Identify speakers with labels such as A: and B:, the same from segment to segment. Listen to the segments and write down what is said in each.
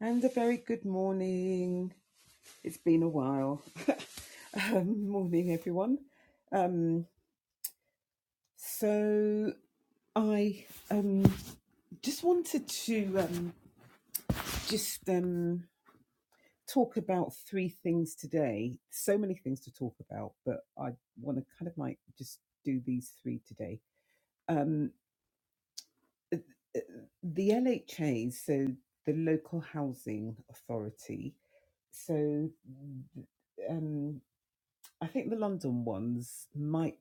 A: And a very good morning. It's been a while. um, morning, everyone. Um, so I um, just wanted to um, just um, talk about three things today. So many things to talk about, but I want to kind of like just do these three today. Um, uh, uh, the LHA, so the local housing authority. So um, I think the London ones might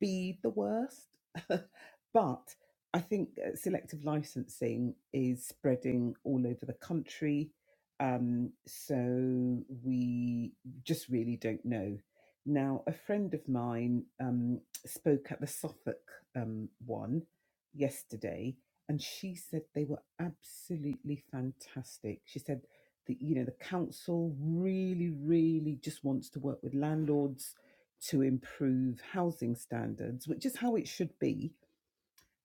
A: be the worst, but I think uh, selective licensing is spreading all over the country. Um, so we just really don't know. Now, a friend of mine um, spoke at the Suffolk um, one yesterday, and she said they were absolutely fantastic. She said that you know the council really, really just wants to work with landlords to improve housing standards, which is how it should be,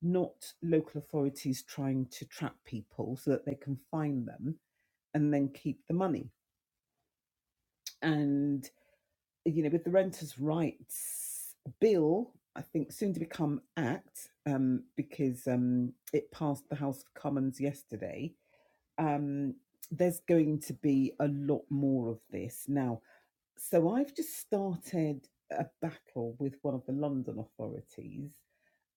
A: not local authorities trying to trap people so that they can fine them and then keep the money. And, you know, with the Renters' Rights Bill, I think soon to become Act, um, because um, it passed the House of Commons yesterday, um, there's going to be a lot more of this. Now, so I've just started a battle with one of the London authorities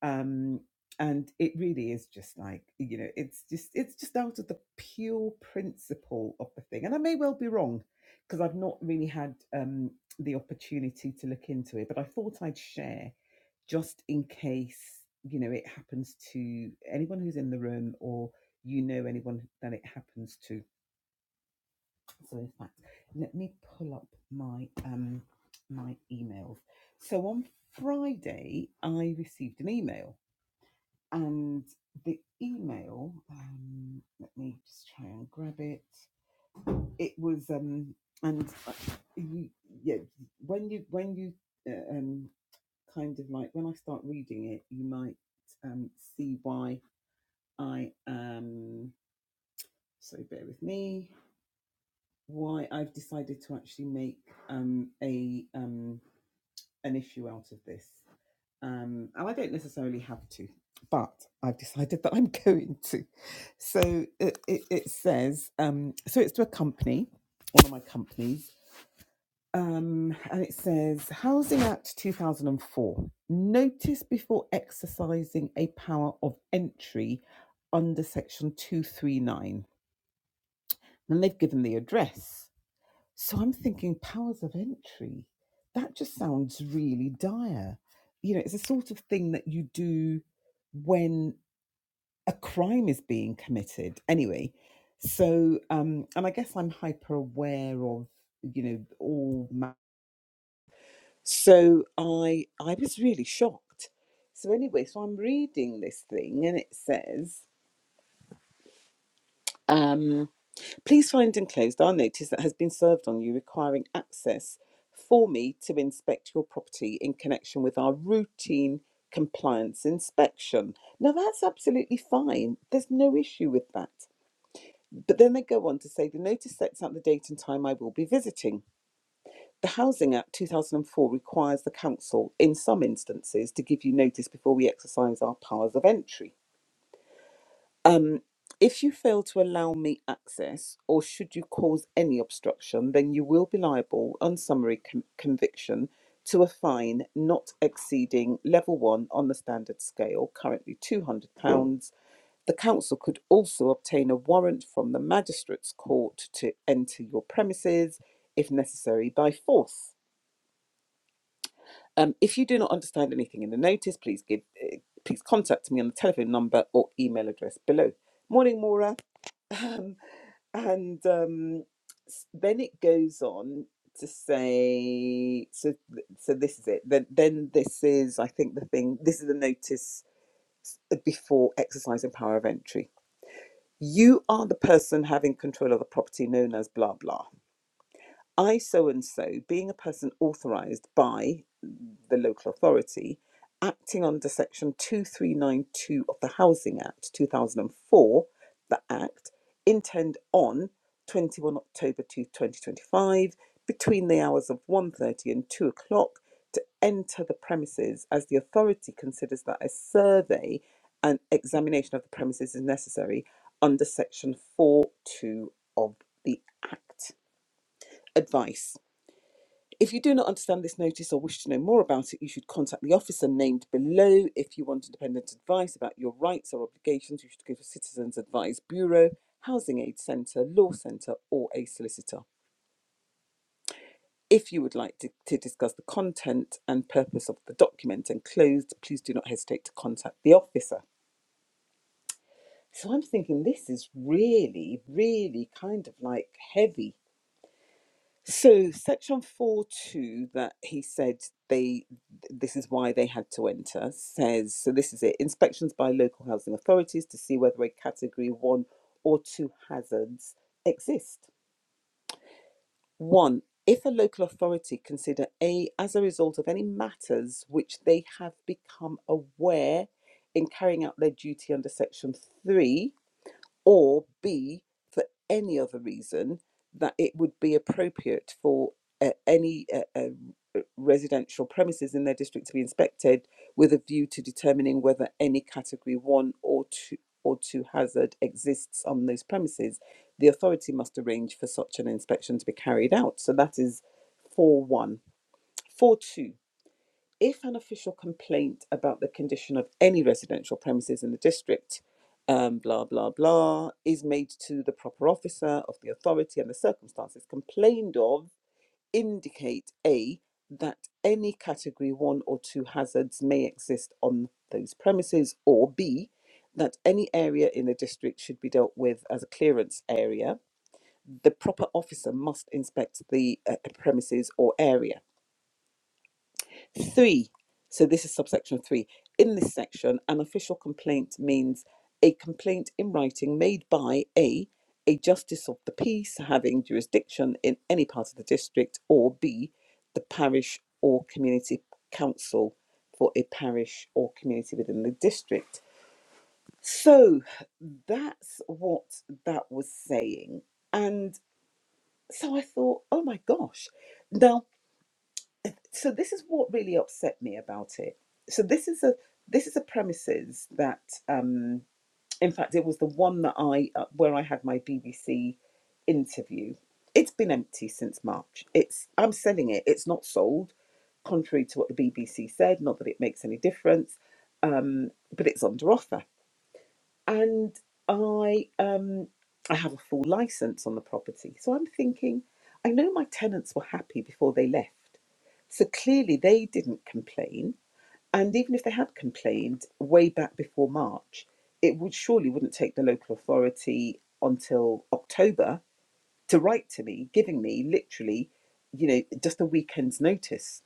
A: um and it really is just like you know it's just it's just out of the pure principle of the thing and i may well be wrong because i've not really had um the opportunity to look into it but i thought i'd share just in case you know it happens to anyone who's in the room or you know anyone that it happens to so in fact let me pull up my um my emails so on friday i received an email and the email, um, let me just try and grab it. It was, um, and uh, you, yeah, when you when you uh, um, kind of like when I start reading it, you might um, see why I am. So bear with me. Why I've decided to actually make um, a um, an issue out of this. um, and I don't necessarily have to, but I've decided that I'm going to. So it, it, it says, um, so it's to a company, one of my companies, um, and it says Housing Act 2004 notice before exercising a power of entry under section 239. And they've given the address. So I'm thinking powers of entry. That just sounds really dire. You know, it's the sort of thing that you do when a crime is being committed. Anyway, so um, and I guess I'm hyper aware of you know all. Ma- so I I was really shocked. So anyway, so I'm reading this thing and it says. um, Please find and close our notice that has been served on you requiring access for me to inspect your property in connection with our routine compliance inspection. Now, that's absolutely fine. There's no issue with that. But then they go on to say the notice sets out the date and time I will be visiting. The Housing Act 2004 requires the council, in some instances, to give you notice before we exercise our powers of entry. Um, if you fail to allow me access, or should you cause any obstruction, then you will be liable on summary con- conviction to a fine not exceeding level one on the standard scale, currently £200. The council could also obtain a warrant from the magistrate's court to enter your premises, if necessary, by force. Um, if you do not understand anything in the notice, please give, eh, please contact me on the telephone number or email address below. Morning, Maura. and um, s- then it goes on to say so th- so this is it then then this is i think the thing this is the notice before exercising power of entry you are the person having control of the property known as blah blah I so and so, being a person authorised by the local authority, acting under section 2392 of the Housing Act 2004, the Act, intend on 21 October 2 2025, between the hours of one thirty and 2 o'clock, to enter the premises as the authority considers that a survey and examination of the premises is necessary under section 4.2 of the Act. Advice. If you do not understand this notice or wish to know more about it, you should contact the officer named below. If you want independent advice about your rights or obligations, you should go to Citizens Advice Bureau, Housing Aid Centre, Law Centre, or a solicitor. If you would like to, to discuss the content and purpose of the document enclosed, please do not hesitate to contact the officer. So I'm thinking this is really, really kind of like heavy So, section 4 2 that he said they this is why they had to enter says so this is it inspections by local housing authorities to see whether a category 1 or 2 hazards exist. 1. If a local authority consider A as a result of any matters which they have become aware in carrying out their duty under section 3 or B, for any other reason that it would be appropriate for uh, any uh, uh, residential premises in their district to be inspected with a view to determining whether any category one or two or two hazard exists on those premises, the authority must arrange for such an inspection to be carried out. So that is 4 1. 4 2. If an official complaint about the condition of any residential premises in the district, um, blah, blah, blah, is made to the proper officer of the authority and the circumstances complained of indicate A, that any category one or two hazards may exist on those premises, or B, that any area in the district should be dealt with as a clearance area. The proper officer must inspect the uh, premises or area Three, so this is subsection three. In this section, an official complaint means a complaint in writing made by A, a justice of the peace having jurisdiction in any part of the district, or B, the parish or community council for a parish or community within the district. So that's what that was saying. And so I thought, oh my gosh. Now, so this is what really upset me about it. So this is a this is a premises that um in fact it was the one that I uh, where I had my BBC interview. It's been empty since March. It's I'm selling it. It's not sold contrary to what the BBC said, not that it makes any difference. Um but it's under offer and I um I have a full license on the property. So I'm thinking, I know my tenants were happy before they left. So clearly they didn't complain. And even if they had complained way back before March, it would surely wouldn't take the local authority until October to write to me, giving me literally, you know, just a weekend's notice.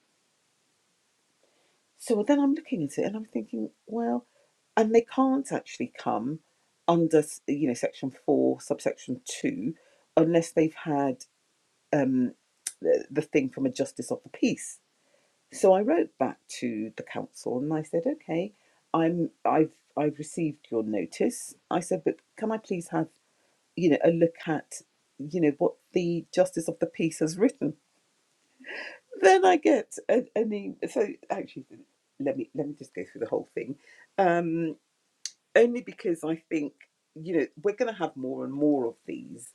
A: So then I'm looking at it and I'm thinking, well, and they can't actually come under you know section 4 subsection 2 unless they've had um, the, the thing from a justice of the peace so i wrote back to the council and i said okay i'm i've i've received your notice i said but can i please have you know a look at you know what the justice of the peace has written then i get an, an e- so actually let me let me just go through the whole thing Um, only because I think you know we're going to have more and more of these,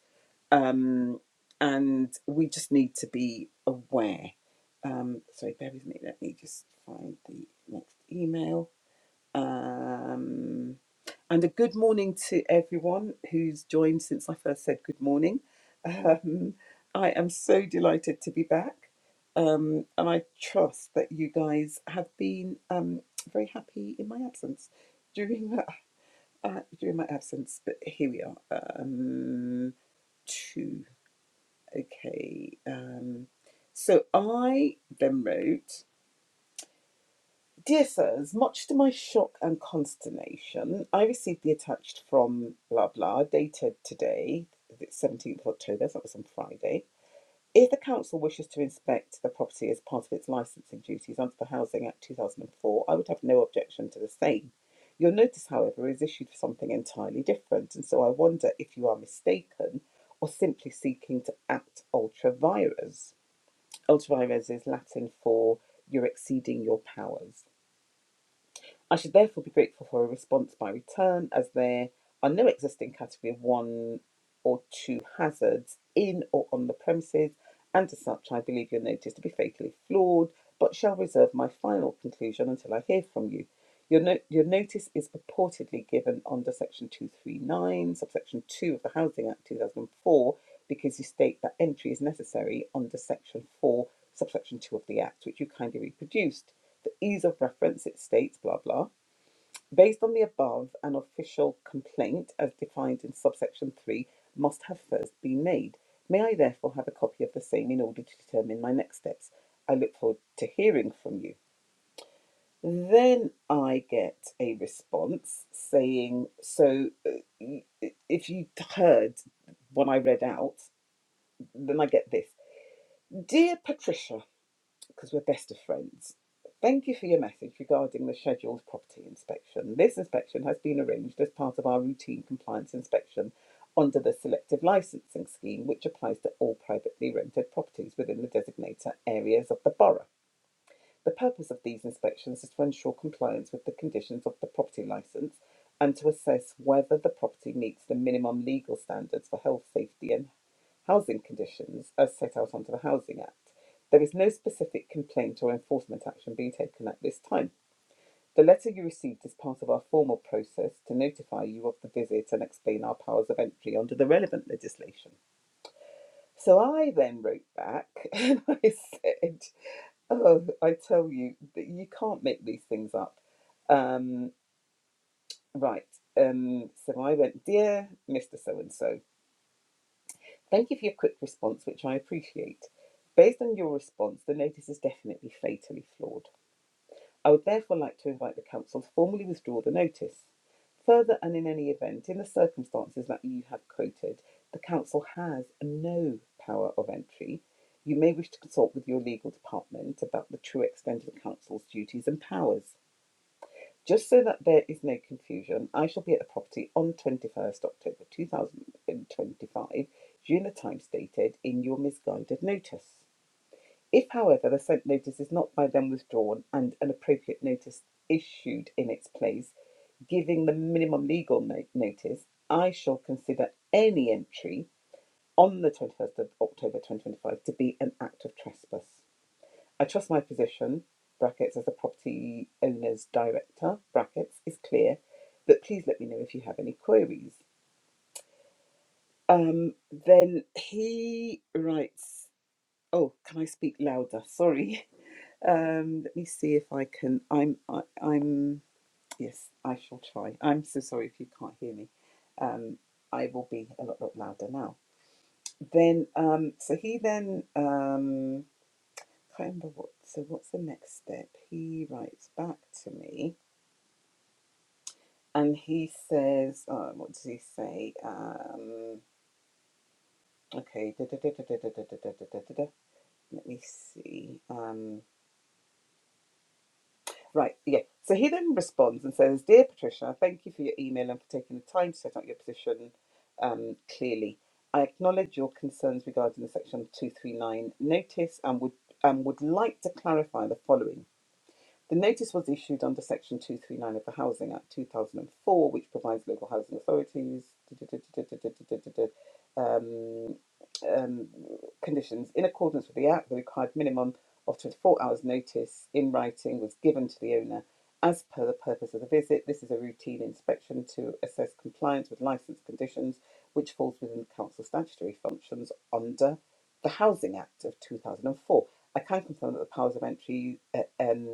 A: um, and we just need to be aware. Um, sorry, bear with me. Let me just find the next email. Um, and a good morning to everyone who's joined since I first said good morning. Um, I am so delighted to be back. Um, and I trust that you guys have been um, very happy in my absence during uh, during my absence, but here we are. Um, two. Okay. Um, so I then wrote, Dear sirs, much to my shock and consternation, I received the attached from blah blah, dated today, the 17th of October, so that was on Friday. If the council wishes to inspect the property as part of its licensing duties under the Housing Act 2004, I would have no objection to the same. Your notice, however, is issued for something entirely different, and so I wonder if you are mistaken or simply seeking to act ultra vires. Ultra vires is Latin for you're exceeding your powers. I should therefore be grateful for a response by return, as there are no existing category of one or two hazards in or on the premises, and as such, I believe your notice to be fatally flawed, but shall reserve my final conclusion until I hear from you. Your, no- your notice is purportedly given under Section 239, subsection 2 of the Housing Act 2004, because you state that entry is necessary under Section 4, subsection 2 of the Act, which you kindly reproduced. For ease of reference, it states blah blah. Based on the above, an official complaint, as defined in subsection 3, must have first been made. May I therefore have a copy of the same in order to determine my next steps? I look forward to hearing from you. Then I get a response saying, So uh, if you heard what I read out, then I get this Dear Patricia, because we're best of friends. Thank you for your message regarding the scheduled property inspection. This inspection has been arranged as part of our routine compliance inspection under the selective licensing scheme, which applies to all privately rented properties within the designator areas of the borough. The purpose of these inspections is to ensure compliance with the conditions of the property licence and to assess whether the property meets the minimum legal standards for health, safety, and Housing conditions as set out under the Housing Act. There is no specific complaint or enforcement action being taken at this time. The letter you received is part of our formal process to notify you of the visit and explain our powers of entry under the relevant legislation. So I then wrote back and I said, Oh, I tell you, that you can't make these things up. Um, right. Um, so I went, Dear Mr. So and so, They give you a quick response, which I appreciate. Based on your response, the notice is definitely fatally flawed. I would therefore like to invite the Council to formally withdraw the notice. Further, and in any event, in the circumstances that you have quoted, the Council has no power of entry. You may wish to consult with your legal department about the true extent of the Council's duties and powers. Just so that there is no confusion, I shall be at the property on 21st October 2025, Juna time stated in your misguided notice. If, however, the sent notice is not by them withdrawn and an appropriate notice issued in its place, giving the minimum legal no- notice, I shall consider any entry on the 21st of October 2025 to be an act of trespass. I trust my position (brackets as a property owner's director) brackets is clear, but please let me know if you have any queries. Um, then he writes. Oh, can I speak louder? Sorry. Um, let me see if I can. I'm. I, I'm. Yes, I shall try. I'm so sorry if you can't hear me. Um, I will be a lot, lot louder now. Then, um, so he then um, remember what. So what's the next step? He writes back to me, and he says, "Oh, "What does he say?" Um, okay, da, da, da, da, da, da, da, da, da, da, da, let me see. Um, right, yeah. So he then responds and says, "Dear Patricia, thank you for your email and for taking the time to set out your position um, clearly. I acknowledge your concerns regarding the Section 239 notice and would um would like to clarify the following. The notice was issued under Section 239 of the Housing Act 2004, which provides local housing authorities um, um, conditions in accordance with the Act. The required minimum of 24 hours notice in writing was given to the owner as per the purpose of the visit. This is a routine inspection to assess compliance with licence conditions, which falls within the council statutory functions under the Housing Act of 2004. I can confirm that the powers of entry uh, um,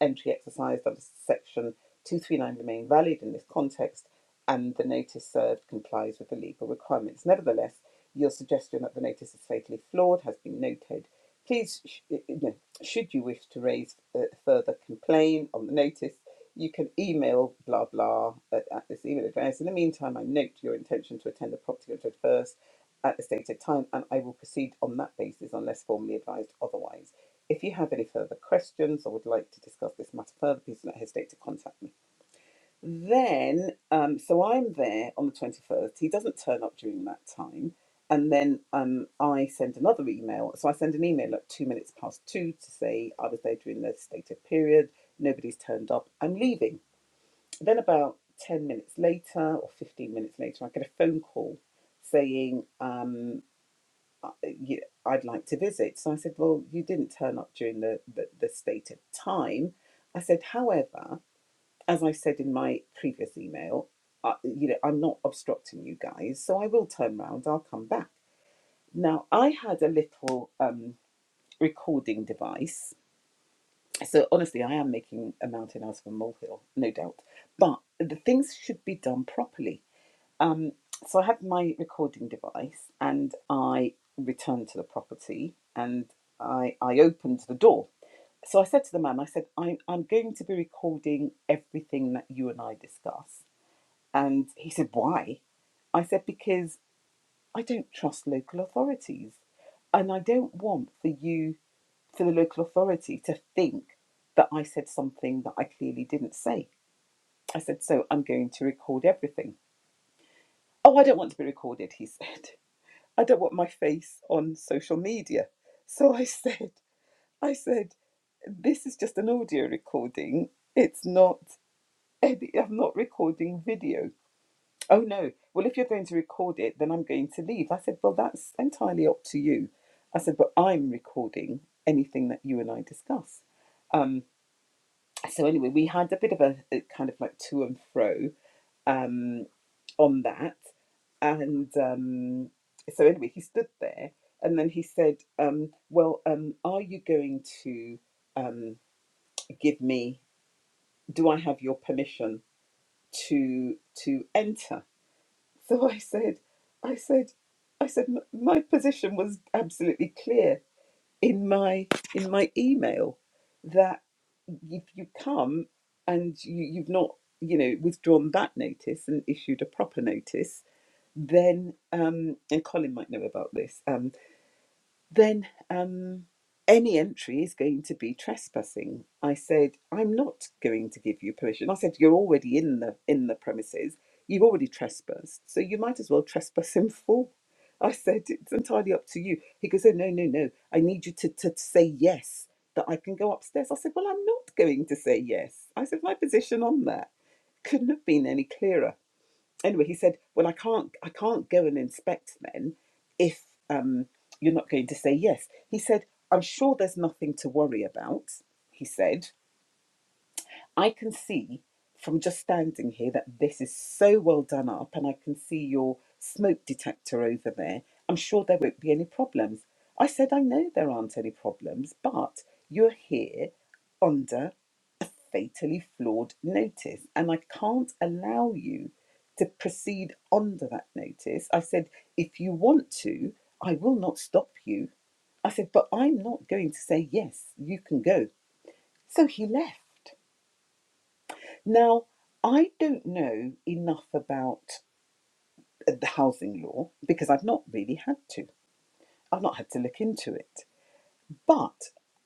A: entry exercised under section 239 remain valid in this context and the notice served complies with the legal requirements. Nevertheless, your suggestion that the notice is fatally flawed has been noted. Please, sh- you should you wish to raise a further complaint on the notice, you can email blah blah at, at this email address. In the meantime, I note your intention to attend the property judge first at the stated time and I will proceed on that basis unless formally advised otherwise. If you have any further questions or would like to discuss this matter further, please do not hesitate to contact me. Then, um, so I'm there on the 21st. He doesn't turn up during that time. And then um, I send another email. So I send an email at two minutes past two to say I was there during the stated period. Nobody's turned up. I'm leaving. Then, about 10 minutes later or 15 minutes later, I get a phone call saying, um uh, I'd like to visit. So I said, Well, you didn't turn up during the, the, the stated time. I said, However, as I said in my previous email, uh, you know, I'm not obstructing you guys, so I will turn round, I'll come back. Now, I had a little um, recording device. So honestly, I am making a mountain out of a molehill, no doubt. But the things should be done properly um, so I had my recording device and I returned to the property and I, I opened the door. So I said to the man, I said, I'm, I'm going to be recording everything that you and I discuss. And he said, Why? I said, Because I don't trust local authorities. And I don't want for you, for the local authority, to think that I said something that I clearly didn't say. I said, So I'm going to record everything. Oh, I don't want to be recorded, he said. I don't want my face on social media. So I said, I said, this is just an audio recording. It's not edit. I'm not recording video. Oh no. Well, if you're going to record it, then I'm going to leave. I said, well, that's entirely up to you. I said, but I'm recording anything that you and I discuss. Um, so anyway, we had a bit of a, a kind of like to and fro. Um, on that. And um, so anyway, he stood there, and then he said, um, "Well, um, are you going to um, give me? Do I have your permission to to enter?" So I said, "I said, I said, "M- my position was absolutely clear in my in my email that if you come and you, you've not." You know, withdrawn that notice and issued a proper notice, then um, and Colin might know about this, um, then um, any entry is going to be trespassing. I said, I'm not going to give you permission. I said, you're already in the in the premises. You've already trespassed, so you might as well trespass in full. I said, it's entirely up to you. He goes, oh no, no, no. I need you to, to say yes that I can go upstairs. I said, well, I'm not going to say yes. I said my position on that couldn't have been any clearer anyway, he said, "Well, I can't, I can't go and inspect then if um, you're not going to say yes." He said, "I'm sure there's nothing to worry about." He said, "I can see from just standing here that this is so well done up, and I can see your smoke detector over there. I'm sure there won't be any problems." I said, "I know there aren't any problems, but you're here." under." fatally flawed notice, and I can't allow you to proceed under that notice. I said, if you want to, I will not stop you. I said, but I'm not going to say, yes, you can go. So he left. Now, I don't know enough about the housing law because I've not really had to. I've not had to look into it. But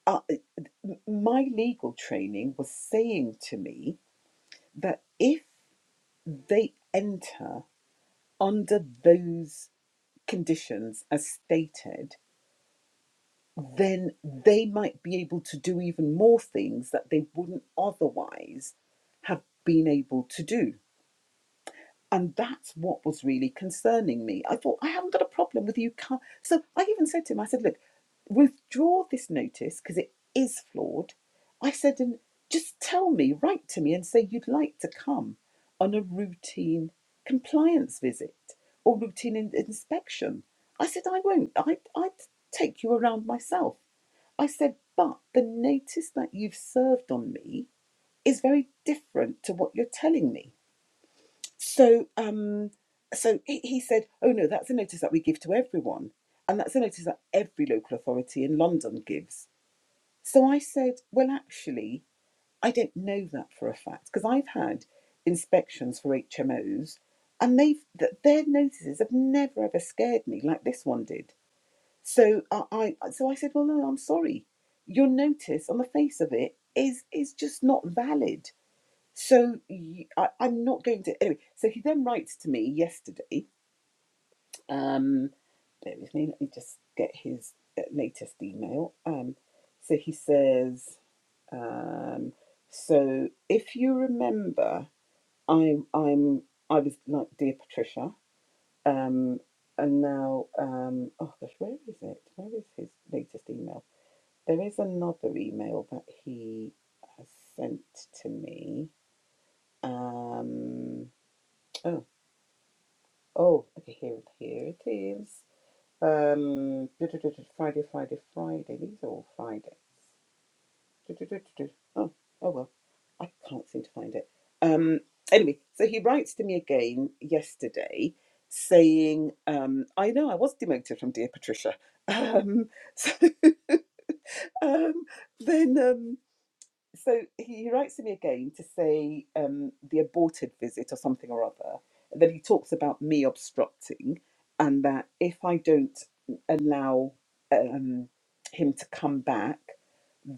A: uh, my legal training was saying to me that if they enter under those conditions as stated, then they might be able to do even more things that they wouldn't otherwise have been able to do. And that's what was really concerning me. I thought, I haven't got a problem with you. come. So I even said to him, I said, look, withdraw this notice because it is flawed. I said, and just tell me, write to me and say you'd like to come on a routine compliance visit or routine in- inspection. I said, I won't. I, I'd take you around myself. I said, but the notice that you've served on me is very different to what you're telling me. So, um, so he, he said, "Oh no, that's a notice that we give to everyone, and that's a notice that every local authority in London gives." So I said, "Well, actually, I don't know that for a fact because I've had inspections for HMOs, and they've th- their notices have never ever scared me like this one did." So I, I so I said, "Well, no, I'm sorry. Your notice on the face of it is is just not valid." So y- I, am not going to. Anyway, so he then writes to me yesterday. Um, bear with me. Let me just get his uh, latest email. Um, so he says, um, so if you remember, I I'm I was like dear Patricia. Um, and now um, oh gosh, where is it? Where is his latest email? There is another email that he has sent to me. Um, oh. Oh, okay, here, it- here it is. Um, du- du- du- du- Friday, Friday, Friday. These are all Fridays. Du- du- du- du- du. Oh, oh well, I can't seem to find it. Um, anyway, so he writes to me again yesterday saying, um, I know I was demoted from Dear Patricia. Um, so um, then. um." so he, writes to me again to say um, the aborted visit or something or other. And then he talks about me obstructing, and that if I don't allow um, him to come back,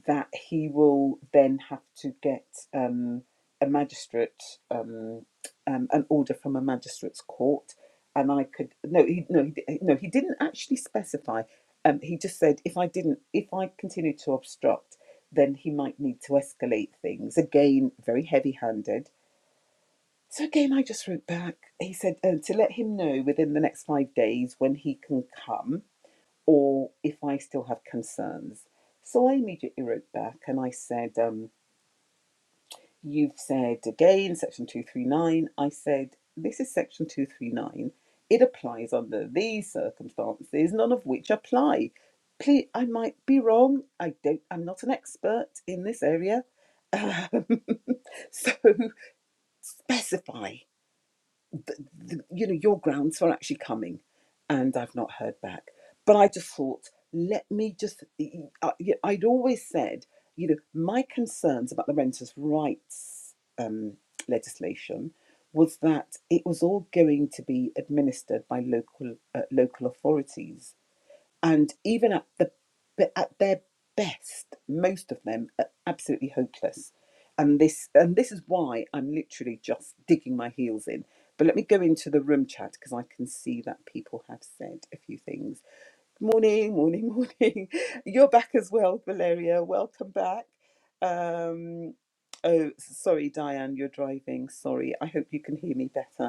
A: that he will then have to get um, a magistrate um, um, an order from a magistrate's court, and I could no he no he, di- no he didn't actually specify. Um, he just said if I didn't if I continued to obstruct then he might need to escalate things. Again, very heavy handed. So, again, I just wrote back. He said um, to let him know within the next five days when he can come or if I still have concerns. So, I immediately wrote back and I said, um, You've said again, section 239. I said, This is section 239. It applies under these circumstances, none of which apply. Please, I might be wrong. I don't. I'm not an expert in this area, Um, So specify, the, the, you know, your grounds for actually coming. And I've not heard back. But I just thought, let me just, I, I'd always said, you know, my concerns about the renters' rights um, legislation was that it was all going to be administered by local uh, local authorities and even at the at their best, most of them are absolutely hopeless. And this and this is why I'm literally just digging my heels in. But let me go into the room chat because I can see that people have said a few things. Morning, morning, morning. You're back as well, Valeria. Welcome back. Um, oh, sorry, Diane, you're driving. Sorry. I hope you can hear me better.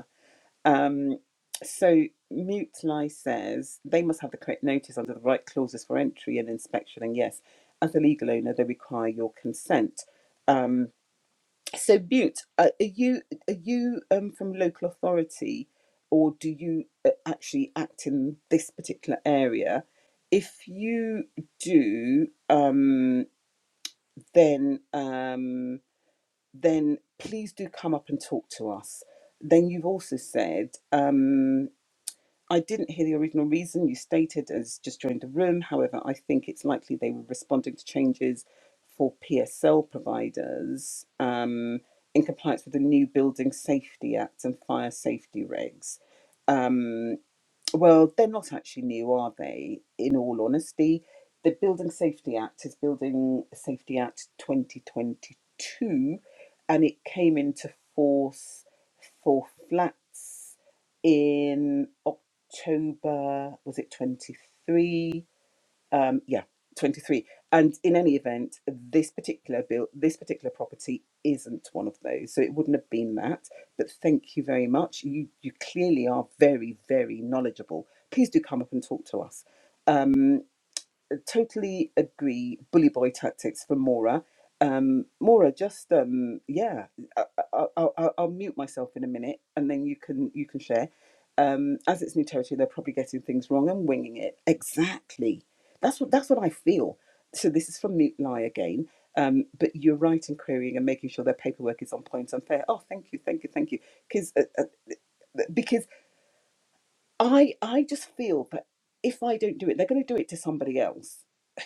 A: Um, so Mutely says they must have the correct notice under the right clauses for entry and inspection. And yes, as a legal owner, they require your consent. Um, so Mute, are are you are you um, from local authority, or do you uh, actually act in this particular area? If you do, um, then um, then please do come up and talk to us. Then you've also said. Um, I didn't hear the original reason you stated as just joined the room. However, I think it's likely they were responding to changes for PSL providers um, in compliance with the new Building Safety Act and fire safety regs. Um, well, they're not actually new, are they? In all honesty, the Building Safety Act is Building Safety Act 2022 and it came into force for flats in October, was it 23? um yeah 23 and in any event this particular bill this particular property isn't one of those so it wouldn't have been that but thank you very much you you clearly are very very knowledgeable please do come up and talk to us totally agree. Bully boy tactics for Mora. Um, Mora, just um, yeah, I, I, I, I'll I'll mute myself in a minute, and then you can you can share. Um, as it's new territory, they're probably getting things wrong and winging it. Exactly. That's what that's what I feel. So this is from Mute Lie again. Um, but you're right in querying and making sure their paperwork is on point and fair. Oh, thank you, thank you, thank you. because uh, uh, Because I I just feel that if I don't do it, they're going to do it to somebody else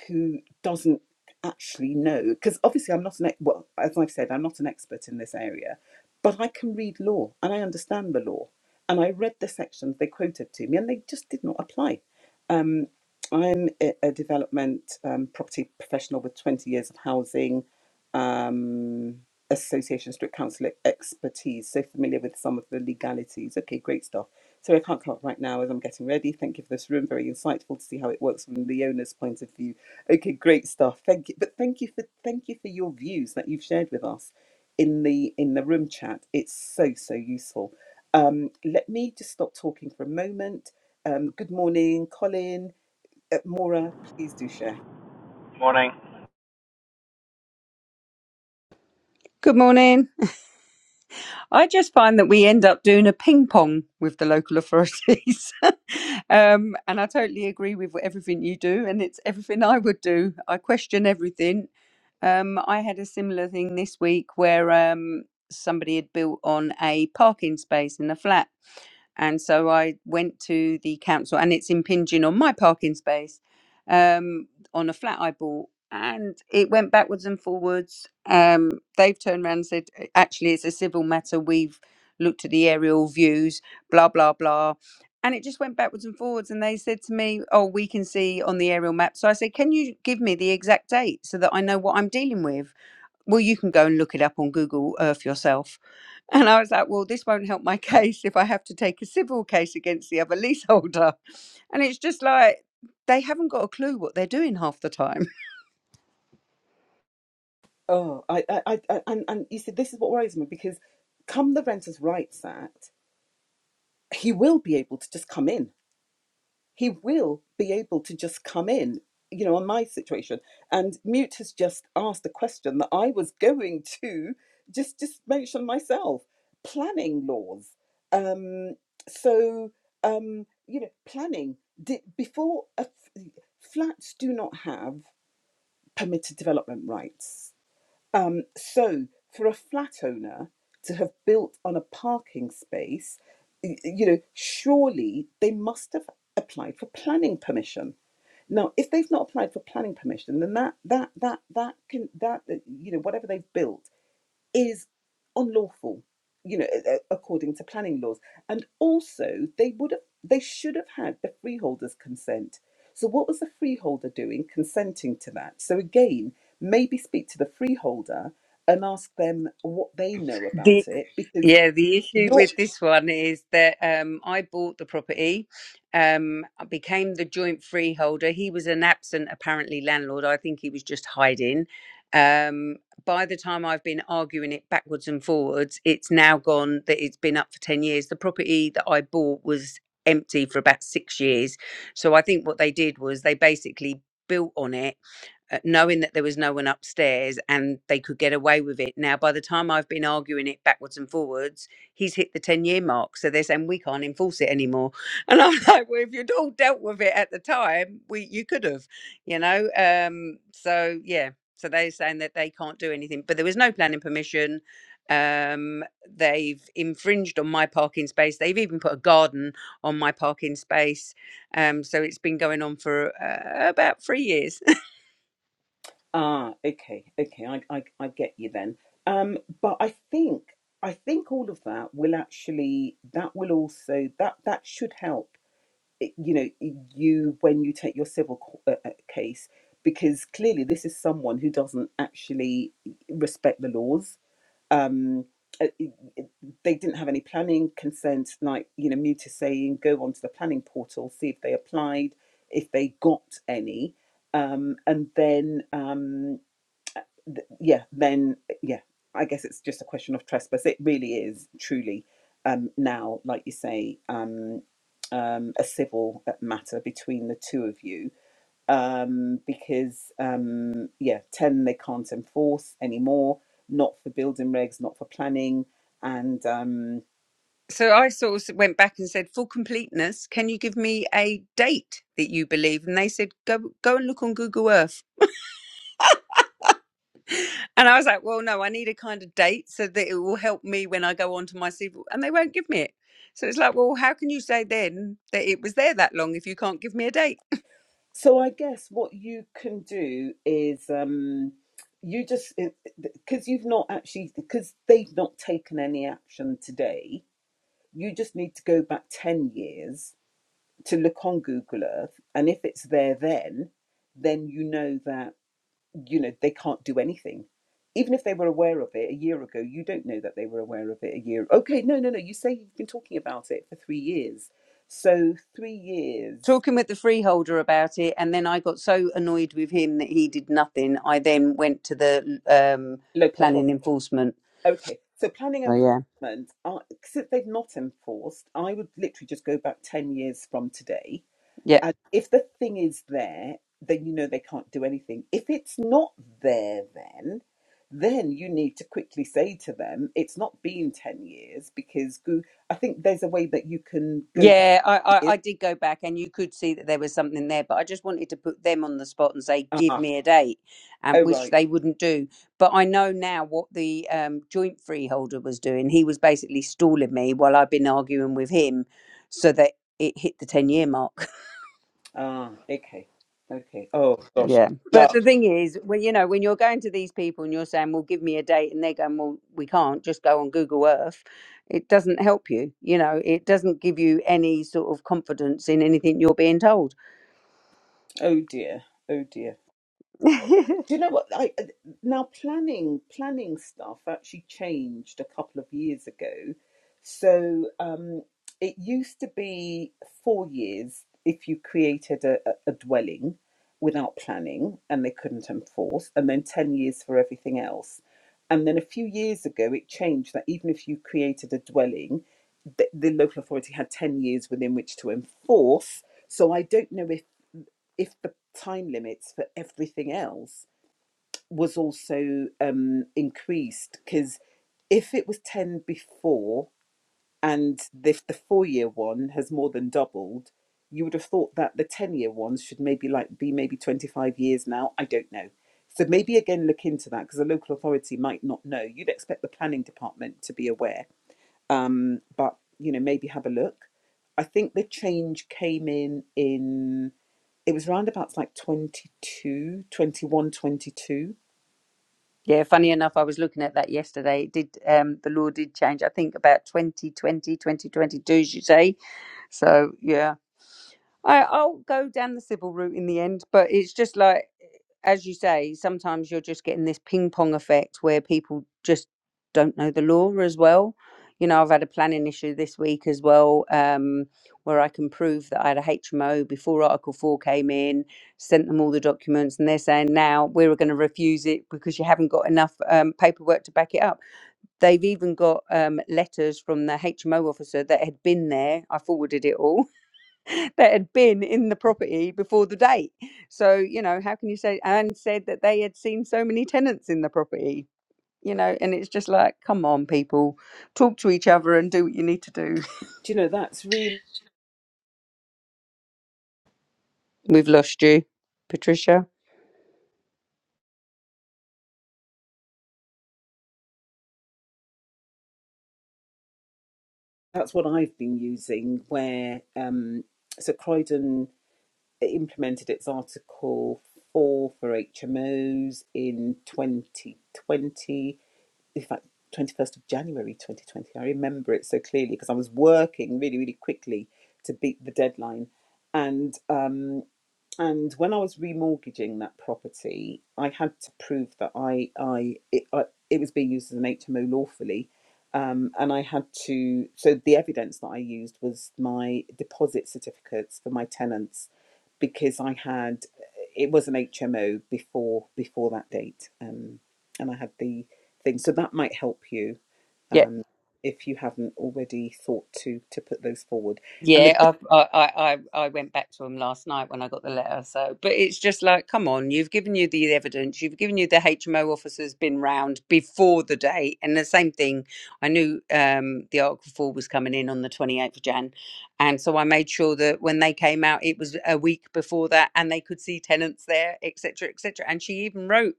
A: who doesn't actually know. Because obviously, I'm not an ex- well, as I've said, I'm not an expert in this area, but I can read law and I understand the law. And I read the sections they quoted to me, and they just did not apply. Um, I'm a a development um, property professional with 20 years of housing. Um, Association Strict Counsellor expertise, so familiar with some of the legalities. Okay, great stuff. So I can't come up right now as I'm getting ready. Thank you for this room. Very insightful to see how it works from the owner's point of view. Okay, great stuff. Thank you. But thank you for thank you for your views that you've shared with us in the in the room chat. It's so, so useful. Um, let me just stop talking for a moment. Um, good morning, Colin. Uh, Maura, please do share.
B: Morning.
C: Good morning. I just find that we end up doing a ping pong with the local authorities. um, and I totally agree with everything you do, and it's everything I would do. I question everything. Um, I had a similar thing this week where um, somebody had built on a parking space in a flat and so I went to the council, and it's impinging on my parking space um, on a flat I bought, and it went backwards and forwards. Um, they've turned around and said, "Uh, actually, it's a civil matter. We've looked at the aerial views, blah blah blah, and it just went backwards and forwards. And they said to me, oh, we can see on the aerial map. So I said, can you give me the exact date so that I know what I'm dealing with? Well, you can go and look it up on Google Earth yourself and I was like, well, this won't help my case if I have to take a civil case against the other leaseholder. And it's just like, they haven't got a clue what they're doing half the time.
A: Oh, I, I, I, I- and, and you see, this is what worries me because come the Renters' Rights Act, he will be able to just come in. He will be able to just come in, you know, on my situation. And Mute has just asked a question that I was going to just, just mention myself planning laws. Um, so, um, you know, planning di before a f flats do not have permitted development rights um, so, for a flat owner to have built on a parking space, y- you know, surely they must have applied for planning permission. Now, if they've not applied for planning permission, then that that that that can that uh, you know whatever they've built is unlawful, you know, a- a- according to planning laws. And also, they would have, they should have had the freeholder's consent. So, what was the freeholder doing, consenting to that? So, again, maybe speak to the freeholder and ask them what they know
C: The
A: about it, because
C: Yeah, the issue
A: you're
C: with this one is that um, I bought the property, um, I became the joint freeholder. He was an absent, apparently, landlord. I think he was just hiding. Um, by the time I've been arguing it backwards and forwards, it's now gone that it's been up for 10 years. The property that I bought was empty for about six years. So I think what they did was they basically built on it uh, knowing that there was no one upstairs and they could get away with it. Now, by the time I've been arguing it backwards and forwards, he's hit the 10 year mark. So they're saying we can't enforce it anymore. And I'm like, well, if you'd all dealt with it at the time, we you could have, you know? Um, so, yeah. So they're saying that they can't do anything, but there was no planning permission. Um, they've infringed on my parking space. They've even put a garden on my parking space. Um, so it's been going on for uh, about three years.
A: ah, okay, okay, I, I, I get you then. Um, but I think I think all of that will actually that will also that that should help eh, you know you when you take your civil c- uh, uh, case because clearly this is someone who doesn't actually respect the laws um uh, it- it- they didn't have any planning consent like you know mute is saying go onto the planning portal see if they applied if they got any um and then um th- yeah, then yeah, I guess it's just a question of trespass. It really is truly um, now, like you say, um, um, a civil matter between the two of you um, because um, yeah, ten they can't enforce anymore, not for building regs, not for planning, and um,
C: So I sort of went back and said, for completeness, can you give me a date that you believe? And they said, go go and look on Google Earth. And I was like, well, no, I need a kind of date so that it will help me when I go onto my civil. And they won't give me it. So it's like, well, how can you say then that it was there that long if you can't give me a date?
A: so I guess what you can do is. Um, you just because you've not actually because they've not taken any action today you just need to go back 10 years to look on Google Earth. And if it's there then, then you know that, you know, they can't do anything. Even if they were aware of it a year ago, you don't know that they were aware of it a year. Okay, no, no, no. You say you've been talking about it for three years. So three years,
C: talking with the freeholder about it, and then I got so annoyed with him that he did nothing. I then went to the um,
A: local authority.
C: planning enforcement.
A: Okay, so planning
C: So
A: and
C: yeah,
A: enforcement, are, since they've not enforced, I would literally just go back 10 years from today
C: yeah,
A: And if the thing is there, then you know they can't do anything. If it's not there, then then you need to quickly say to them, it's not been ten years because Goo. I think there's a way that you can go back.
C: yeah. I, I
A: Years.
C: I did go back, and you could see that there was something there, but I just wanted to put them on the spot and say, "Give
A: Ah,
C: me a date," um,
A: oh
C: which
A: right.
C: they wouldn't do. But I know now what the um, joint freeholder was doing. He was basically stalling me while I've been arguing with him, so that it hit the ten year mark.
A: Ah, okay, okay. Oh gosh,
C: Yeah. But
A: Love.
C: the thing is, when you know, when you're going to these people and you're saying, Well, give me a date and they're going, Well, we can't, just go on Google Earth, it doesn't help you. You know, it doesn't give you any sort of confidence in anything you're being told.
A: oh dear, oh dear. Do you know what? I uh, now planning planning stuff actually changed a couple of years ago. So um, it used to be four years if you created a, a a dwelling without planning and they couldn't enforce, and then ten years for everything else. And then a few years ago, it changed that even if you created a dwelling, the, the local authority had ten years within which to enforce. So I don't know if if the time limits for everything else was also um, increased because if it was 10 before and if the four year one has more than doubled, you would have thought that the 10 year ones should maybe like be maybe 25 years now. I don't know. So maybe again look into that because the local authority might not know. You'd expect the planning department to be aware, um, but you know maybe have a look. I think the change came in in it was roundabouts like 22, 21, 22.
C: yeah, funny enough, I was looking at that yesterday. It did um the law did change, I think about 2020 2022, as you say. So yeah. I, I'll go down the civil route in the end, but it's just like, as you say, sometimes you're just getting this ping pong effect where people just don't know the law as well. You know, I've had a planning issue this week as well, um, where I can prove that I had a HMO before Article 4 came in, sent them all the documents, and they're saying now we're going to refuse it because you haven't got enough um, paperwork to back it up. They've even got um, letters from the HMO officer that had been there. I forwarded it all that had been in the property before the date. So, you know, how can you say, and said that they had seen so many tenants in the property, you know, and it's just like, come on, people, talk to each other and do what you need to do.
A: Do you know that's really
C: We've lost you, Patricia.
A: that's what I've been using. Where um, so Croydon implemented its Article Four for HMOs in 2020. In fact, 21st of January 2020. I remember it so clearly because I was working really, really quickly to beat the deadline, and um, And when I was remortgaging that property, I had to prove that I, I, it, I, it was being used as an HMO lawfully. Um, and I had to, so the evidence that I used was my deposit certificates for my tenants because I had, it was an HMO before, before that date. Um, and I had the thing. So that might help you
C: Yeah,
A: um, if you haven't already thought to, to put those forward. And the
C: Yeah, I, I I I I went back to him last night when I got the letter. So, but it's just like, come on, you've given you the evidence, you've given you the HMO officer's been round before the date, and the same thing. I knew um, the Article Four was coming in on the twenty eighth of Jan, and so I made sure that when they came out, it was a week before that, and they could see tenants there, etc., etc. And she even wrote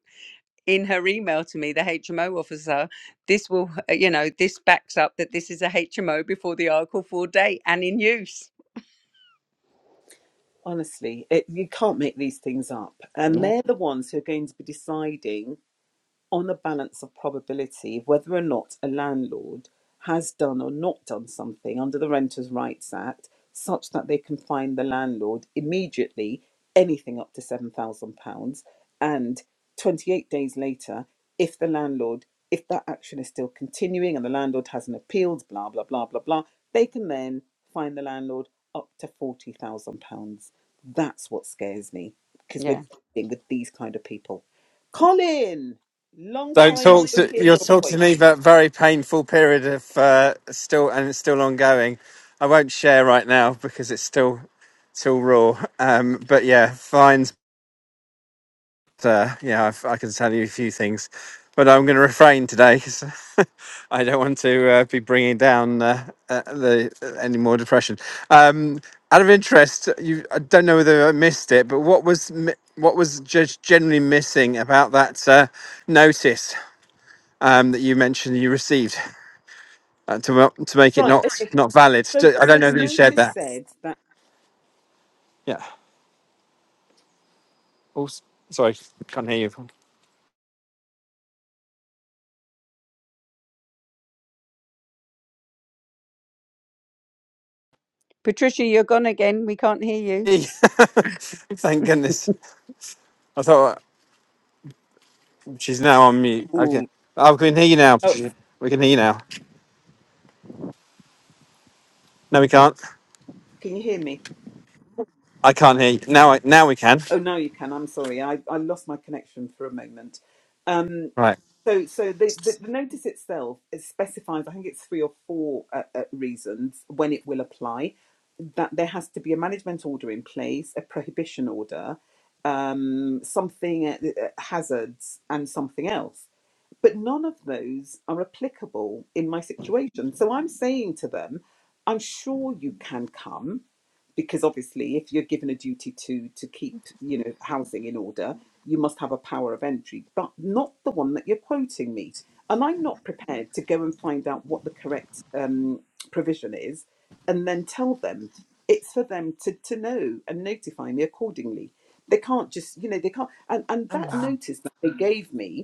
C: in her email to me, the HMO officer, this will, uh, you know, this backs up that this is a HMO before the Article 4 date and in use.
A: Honestly, it, you can't make these things up. And
C: Yeah,
A: they're the ones who are going to be deciding on the balance of probability of whether or not a landlord has done or not done something under the Renters' Rights Act such that they can fine the landlord immediately anything up to £7,000 and 28 days later if the landlord if that action is still continuing and the landlord hasn't appealed blah blah blah blah blah they can then fine the landlord up to £40,000 that's what scares me because we're
C: yeah.
A: dealing with these kind of people Colin Long
B: Don't
A: time
B: talk
A: no
B: to
A: hear
B: you'll
A: your
B: talk
A: voice.
B: to me about a very painful period of uh, still and it's still ongoing. I won't share right now because it's still still raw. Um, but yeah, fines. Uh, yeah, I've, I can tell you a few things, but I'm going to refrain today because I don't want to uh, be bringing down uh, uh, the uh, any more depression. Um, out of interest, you I don't know whether I missed it, but what was mi- what was just generally missing about that uh, notice? um, that you mentioned you received uh, to to make it
A: Right.
B: not
A: Okay.
B: not valid.
A: So,
B: Do- I
A: so
B: don't know
A: the
B: if you shared
A: notice
B: that.
A: said that.
B: Yeah. Oh, s- sorry, can't hear
C: Patricia, you're gone again. We can't hear
B: you. Thank
C: you.
B: goodness. I thought uh, she's now on mute. Okay.
A: Ooh.
B: Oh, we can hear you now.
A: Oh,
B: We can hear you now. No, we can't.
A: can you hear me?
B: I can't hear you. Now, I, now we can.
A: Oh, now you can. I'm sorry. I, I lost my connection for a moment. Um,
B: Right.
A: So, so the, the, the notice itself it specifies, I think it's three or four uh, uh, reasons when it will apply. That there has to be a management order in place, a prohibition order, um, something uh, uh, hazards, and something else. But none of those are applicable in my situation. So I'm saying to them, I'm sure you can come because obviously if you're given a duty to to keep you know housing in order you must have a power of entry but not the one that you're quoting me and i'm not prepared to go and find out what the correct um, provision is and then tell them it's for them to, to know and notify me accordingly they can't just you know they can't and, and that notice that they gave me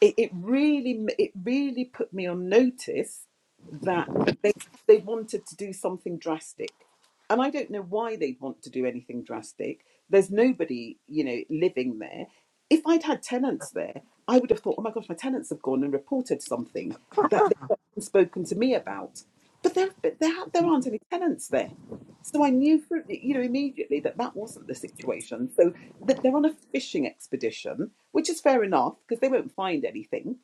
A: it, it really it really put me on notice that they they wanted to do something drastic and i don't know why they'd want to do anything drastic there's nobody you know living there if i'd had tenants there i would have thought oh my gosh my tenants have gone and reported something that they've not spoken to me about but there but there, there aren't any tenants there so I knew, for, you know, immediately that that wasn't the situation. So that they're on a fishing expedition, which is fair enough because they won't find anything,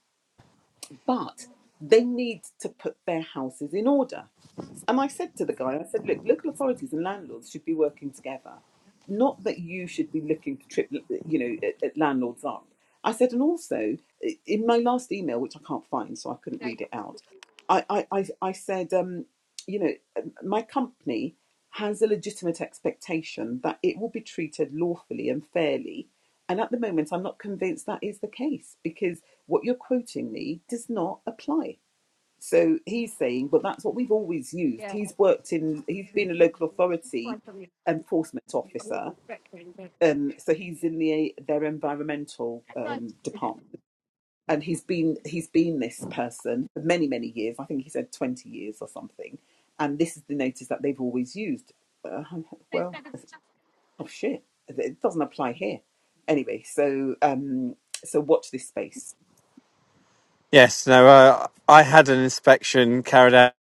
A: but they need to put their houses in order. And I said to the guy, I said, look, local authorities and landlords should be working together. Not that you should be looking to trip, you know, at, at landlords up. I said, and also i- in my last email, which I can't find, so I couldn't read it out, I, I, I, I said, um, you know, um, my company has a legitimate expectation that it will be treated lawfully and fairly. And at the moment, I'm not convinced that is the case because what you're quoting me does not apply. So he's saying, but that's what we've always used. He's worked in, he's been a local authority enforcement officer. Um, so he's in the their environmental um, department, and he's been he's been this person for many many years. I think he said twenty years or something. And this is the notice that they've always used. Uh, well, oh shit, it doesn't apply here. Anyway, so um, so watch this space
B: Yes. No. Uh, I had an inspection carried out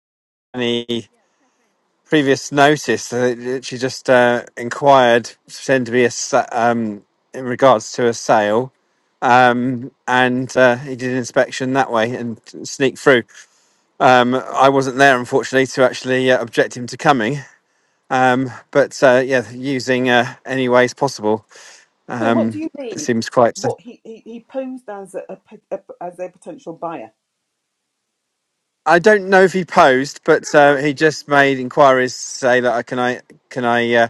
B: previous notice that she just uh, inquired pretend to be a sa- um, in regards to a sale um, and uh, he did an inspection that way and sneaked through um, i wasn't there unfortunately to actually uh, object him to coming um, but uh, yeah using uh, any ways possible
A: So what do
B: um,
A: you
B: it
A: mean?
B: seems quite uh,
A: What he he, he posed as a, a, pot- a as a potential buyer,
B: I don't know if he posed, but uh, he just made inquiries to say that I can I can I uh,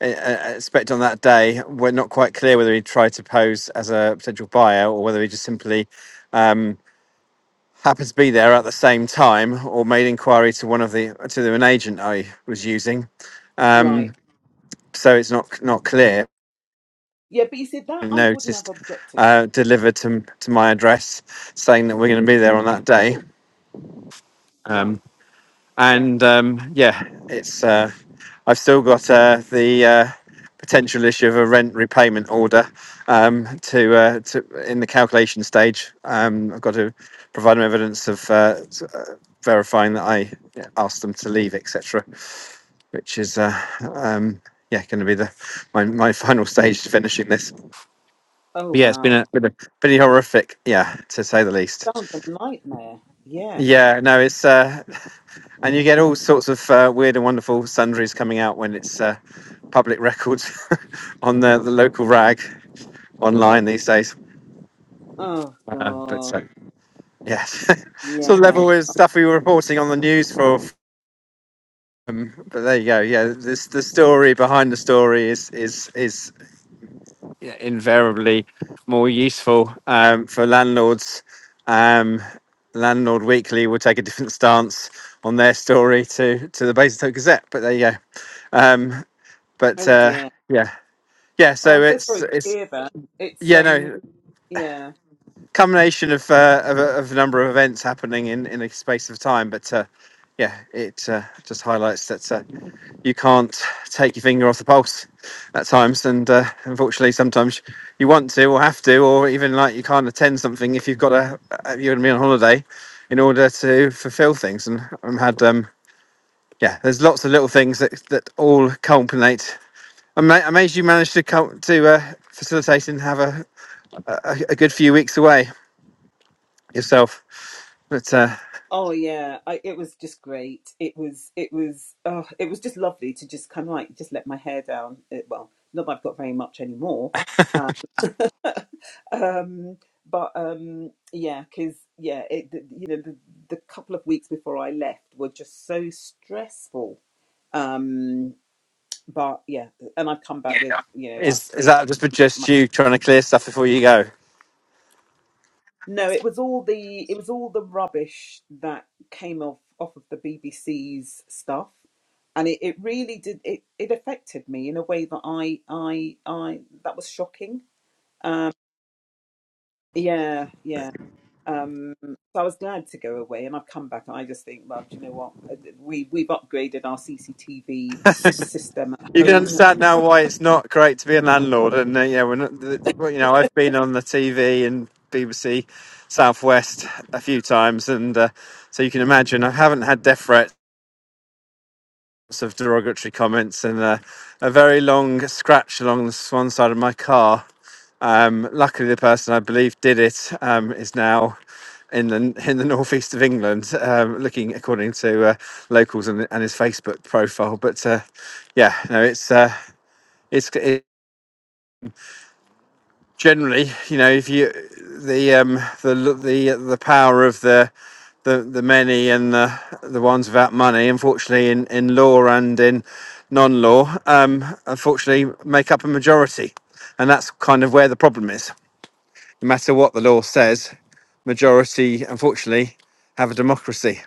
B: I expect on that day, we're not quite clear whether he tried to pose as a potential buyer or whether he just simply um, happened to be there at the same time or made inquiry to one of the to the, an agent I was using. Um,
A: right?
B: so it's not not clear.
A: Yeah, but you see that I wouldn't have
B: Noticed
A: objected,
B: uh, delivered to to my address saying that we're going to be there on that day. Um,
A: right? Right.
B: and um, yeah, it's uh, I've still got uh, the uh, potential issue of a rent repayment order um, to, uh, to in the calculation stage. Um, I've got to provide them evidence of uh, s- uh, verifying that I yeah, asked them to leave, etc., which is. Uh, um, yeah, going to be the my, my final stage to finishing this. But
A: Oh
B: yeah, it's been
A: wow,
B: a been a pretty horrific, yeah, to say the least.
A: sounds a nightmare. Yeah.
B: Yeah, no, it's uh, And you get all sorts of uh, weird and wonderful sundries coming out when it's uh, public records on the, the local rag online these days.
A: Oh
B: Uh, but
A: god.
B: so yeah, sort of
A: Yeah.
B: level with stuff we were reporting on the news for. Um, but there you go. Yeah, this the story behind the story is is is Yeah, invariably more useful um, for landlords. Um, Landlord Weekly will take a different stance on their story to to the Basingstoke Gazette, but there you go. Um, but
A: Oh
B: uh,
A: dear.
B: yeah, yeah.
A: Oh, I'm
B: So
A: so
B: it's
A: sorry to
B: it's
A: hear that. It's
B: yeah
A: um.
B: no
A: Yeah.
B: combination of, uh, of a- of a number of events happening in in a space of time, but. Uh, yeah, it uh, just highlights that uh, you can't take your finger off the pulse at times, and uh, unfortunately, sometimes you want to or have to, or even like you can't attend something if you've got a uh, you're going to be on holiday in order to fulfil things. And I've had um, yeah, there's lots of little things that that all culminate. I'm ama- amazed you managed to cul- to uh, facilitate and have a, a a good few weeks away yourself. But uh,
A: Oh yeah. I, it was just great. It was. It was. Oh, it was just lovely to just kind of like just let my hair down. It, well, not that I've got very much anymore, um but um yeah because yeah it the- you know the, the couple of weeks before i left were just so stressful um but yeah and i've come
B: yeah,
A: back with you know i've
B: is is
A: cleared
B: that just for just you trying to clear stuff before you go?
A: no it was all the it was all the rubbish that came off off of the bbc's stuff and it, it really did it, it affected me in a way that i i i that was shocking um yeah yeah Um, so I was glad to go away, and I've come back, and I just think, well, do you know what? Uh, We we've upgraded our CCTV system at
B: You can
A: home.
B: understand now why it's not great to be a landlord. And uh, yeah, we're not. th- well, You know, I've been on the TV and BBC Southwest a few times, and uh, so you can imagine I haven't had death threats lots of derogatory comments and a, a very long scratch along the s- one side of my car. Um, luckily, the person I believe did it um, is now in the in the northeast of England, um, looking according to uh, locals and, and his Facebook profile. But uh, yeah, no, it's uh, it's. It, generally, you know, if you the um the the the power of the the, the many and the the ones without money, unfortunately, in, in law and in non-law, um, unfortunately, make up a majority, and that's kind of where the problem is. No matter what the law says, majority, unfortunately, have a democracy.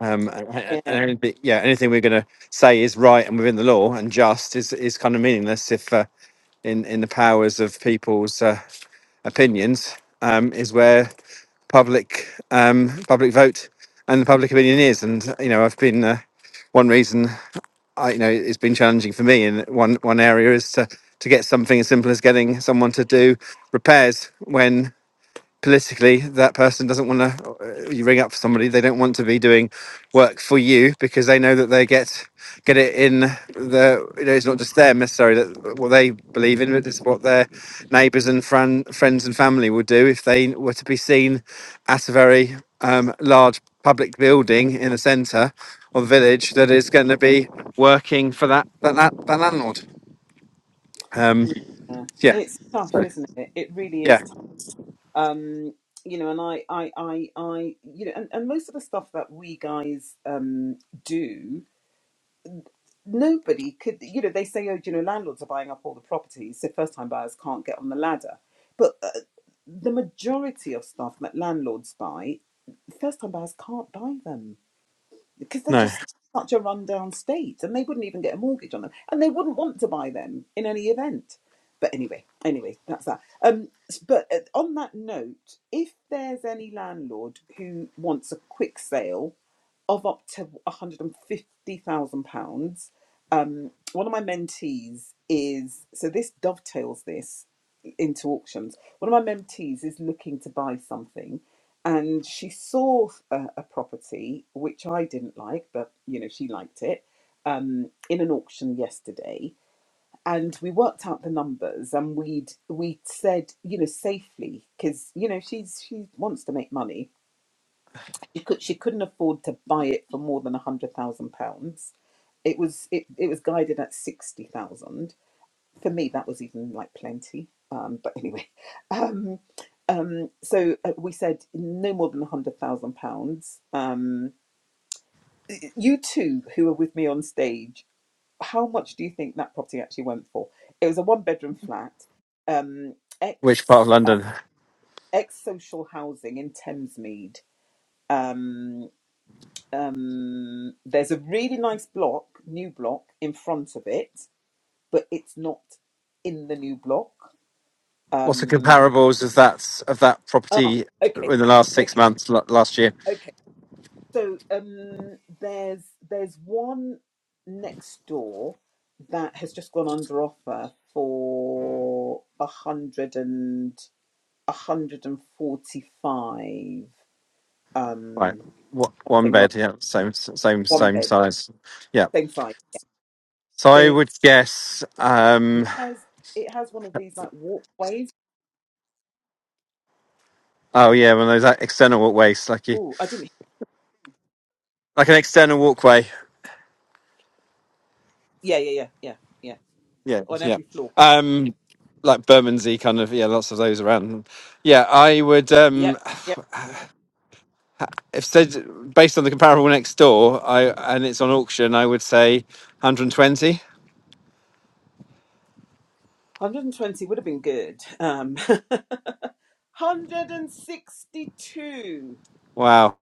B: Um, and, and-
A: Yeah,
B: anything- yeah, anything we're going to say is right and within the law and just is is kind of meaningless if uh, in in the powers of people's. uh, opinions um, is where public um, public vote and the public opinion is. And you know, I've been uh, one reason I, you know it's been challenging for me in one one area is to to get something as simple as getting someone to do repairs when politically that person doesn't want to you ring up somebody they don't want to be doing work for you because they know that they get get it in the you know it's not just them necessarily that what they believe in but it's what their neighbors and friend, friends and family would do if they were to be seen at a very um, large public building in the center or the village that is going to be working for that that, that, that landlord um
A: yeah.
B: yeah
A: it's tough, isn't it? It really
B: yeah
A: is. Tough. Um, you know, and I, I, I, I, you know, and, and most of the stuff that we guys um do nobody could, you know, they say, oh, you know, landlords are buying up all the properties, so first time buyers can't get on the ladder. But uh, the majority of stuff that landlords buy, first time buyers can't buy them because they're
B: no
A: just in such a rundown state and they wouldn't even get a mortgage on them and they wouldn't want to buy them in any event. But anyway, anyway, that's that. Um, but uh, on that note, if there's any landlord who wants a quick sale, of up to £150,000. Um, one of my mentees is, so this dovetails this into auctions. One of my mentees is looking to buy something and she saw a, a property which I didn't like, but you know, she liked it um, in an auction yesterday. And we worked out the numbers and we'd, we'd said, you know, safely, because, you know, she's, she wants to make money she could she couldn't afford to buy it for more than a hundred thousand pounds. It was it, it was guided at sixty thousand. For me, that was even like plenty. Um, but anyway, um, um, so uh, we said no more than a hundred thousand pounds. Um, y- you two who were with me on stage, how much do you think that property actually went for? It was a one-bedroom flat, um,
B: which part of
A: ex uh,
B: london
A: ex social housing in Thamesmead. Um, um, there's a really nice block, new block in front of it, but it's not in the new block.
B: What's the
A: Um,
B: comparables of that of that
A: ah,
B: property
A: okay,
B: in the last six
A: okay,
B: months l- last year?
A: okay. So um, there's there's one next door that has just gone under offer for a hundred and a hundred and forty five
B: Right,
A: um
B: what one
A: something or other,
B: bed? Yeah, same same
A: one
B: same
A: bed,
B: size. Yeah.
A: same size.
B: So
A: So
B: I would
A: it
B: guess. um
A: has it has one of these like walkways
B: Oh yeah, one of those like, external walkways, like you,
A: Oh, I didn't.
B: like an external walkway.
A: Yeah, yeah, yeah, yeah, yeah.
B: Yeah,
A: On
B: yeah.
A: every floor.
B: Um, like Bermondsey kind of. Yeah, lots of those around. Yeah, I would.
A: Yep,
B: um
A: yep.
B: If said based on the comparable next door, I and it's on auction, I would say 120.
A: 120 would have been good. Um, 162.
B: Wow.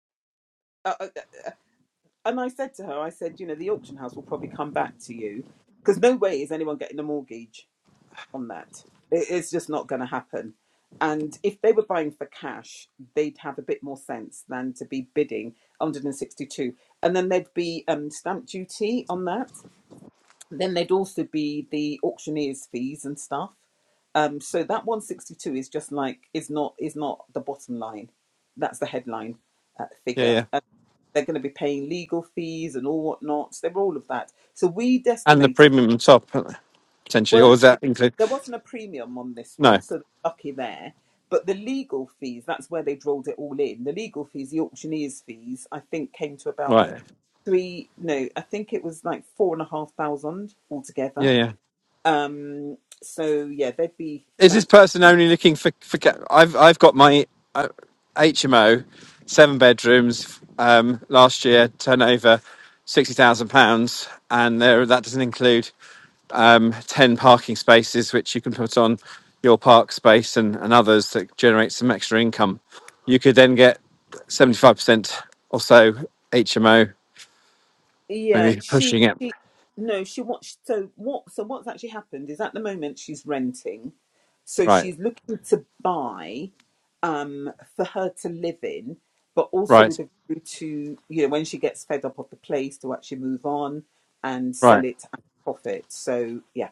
A: Uh, uh, and I said to her, I said, you know, the auction house will probably come back to you because no way is anyone getting a mortgage on that. It, it's just not going to happen. And if they were buying for cash, they'd have a bit more sense than to be bidding 162. And then there'd be um, stamp duty on that. Then there'd also be the auctioneer's fees and stuff. Um, so that 162 is just like is not is not the bottom line. That's the headline uh,
B: Yeah, yeah.
A: figure. And they're going to be paying legal fees and all whatnot. So they're all of that. So we'd
B: and the
A: estimated.
B: premium top potentially,
A: Well,
B: or is that
A: actually,
B: include?
A: there wasn't a premium on this
B: No,
A: one, so they're lucky there. But the legal fees, that's where they rolled it all in. The legal fees, the auctioneer's fees, I think came to about
B: right,
A: three, no, I think it was like four and a half thousand
B: yeah,
A: altogether
B: yeah.
A: um, so yeah, there'd be
B: Is this
A: that.
B: person only looking for for? ca- I've I've got my uh, HMO, seven bedrooms. Um, last year turnover sixty thousand pounds, and there that doesn't include um, ten parking spaces which you can put on your park space and, and others that generate some extra income. You could then get seventy five percent or so HMO,
A: Yeah,
B: maybe
A: she,
B: pushing it.
A: she no, she wants. So what? So what's actually happened is at the moment she's renting, so
B: Right,
A: she's looking to buy, um, for her to live in, but also
B: right.
A: with a view to you know when she gets fed up of the place to actually move on and sell
B: Right.
A: it at profit. So yeah,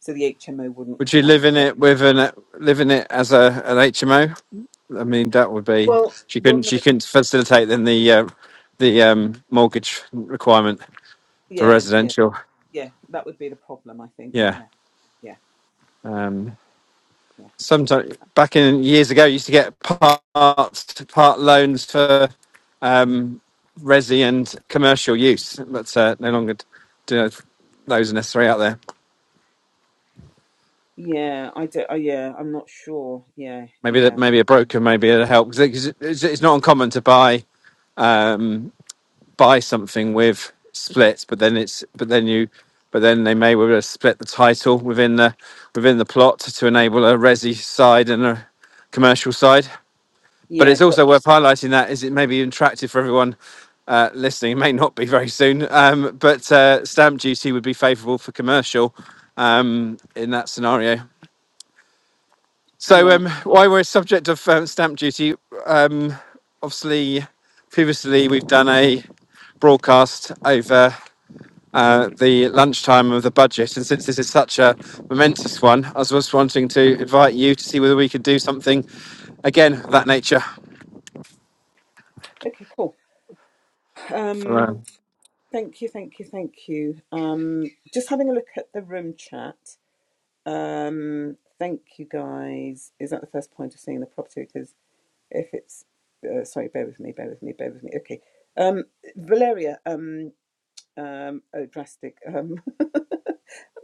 A: so the HMO wouldn't
B: Would you
A: quite
B: live in
A: work.
B: it with an live in it as a an HMO? I mean, that would be
A: Well,
B: she
A: well,
B: couldn't she
A: no,
B: couldn't facilitate then the uh, the um, mortgage requirement for
A: yeah, yeah,
B: residential.
A: yeah, that would be the problem, I think.
B: Yeah.
A: Yeah, yeah, yeah,
B: Um,
A: yeah.
B: sometimes back in years ago, you used to get part part loans for um, resi and commercial use, but uh, no longer do those are necessary out there.
A: Yeah, I do Oh, yeah, I'm not sure. Yeah,
B: Maybe that
A: yeah,
B: maybe a broker maybe it'll help 'Cause it- 'cause it's, it's not uncommon to buy. Um, buy something with splits, but then it's but then you but then they may well split the title within the within the plot to enable a resi side and a commercial side. But
A: yeah.
B: it's
A: But
B: also worth highlighting that is it may be attractive for everyone uh, listening. It may not be very soon, um, but uh, stamp duty would be favourable for commercial um, in that scenario. So,
A: right,
B: um, while we're a subject of um, stamp duty, um, obviously, previously we've done a broadcast over uh, the lunchtime of the budget. And since this is such a momentous one, I was just wanting to invite you to see whether we could do something again of that nature.
A: okay, cool.
B: For,
A: Um,
B: um,
A: thank you, thank you, thank you. Um, just having a look at the room chat. Um, thank you guys. Is that the first point of seeing the property? Because if it's uh, sorry, bear with me, bear with me, bear with me. Okay. Um, Valeria. Um, um, oh, drastic. Um,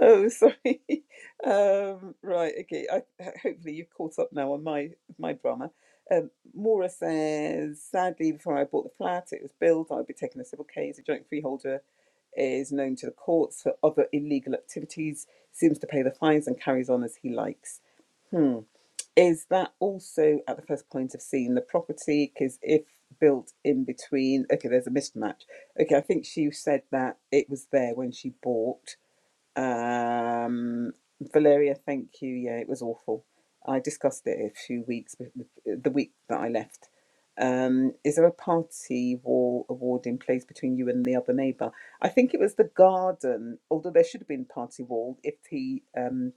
A: Oh, sorry. Um, right, okay. I, hopefully you've caught up now on my my drama. Um, Maura says, sadly, before I bought the flat, it was built. I'd be taking a civil case. A joint freeholder is known to the courts for other illegal activities, seems to pay the fines and carries on as he likes. Hmm. Is that also at the first point of seeing the property? Because if built in between, okay, there's a mismatch. Okay, I think she said that it was there when she bought um, Valeria, thank you. Yeah, it was awful. I discussed it a few weeks, be- be- the week that I left. Um, is there a party wall award in place between you and the other neighbour? I think it was the garden, although there should have been party wall if he um,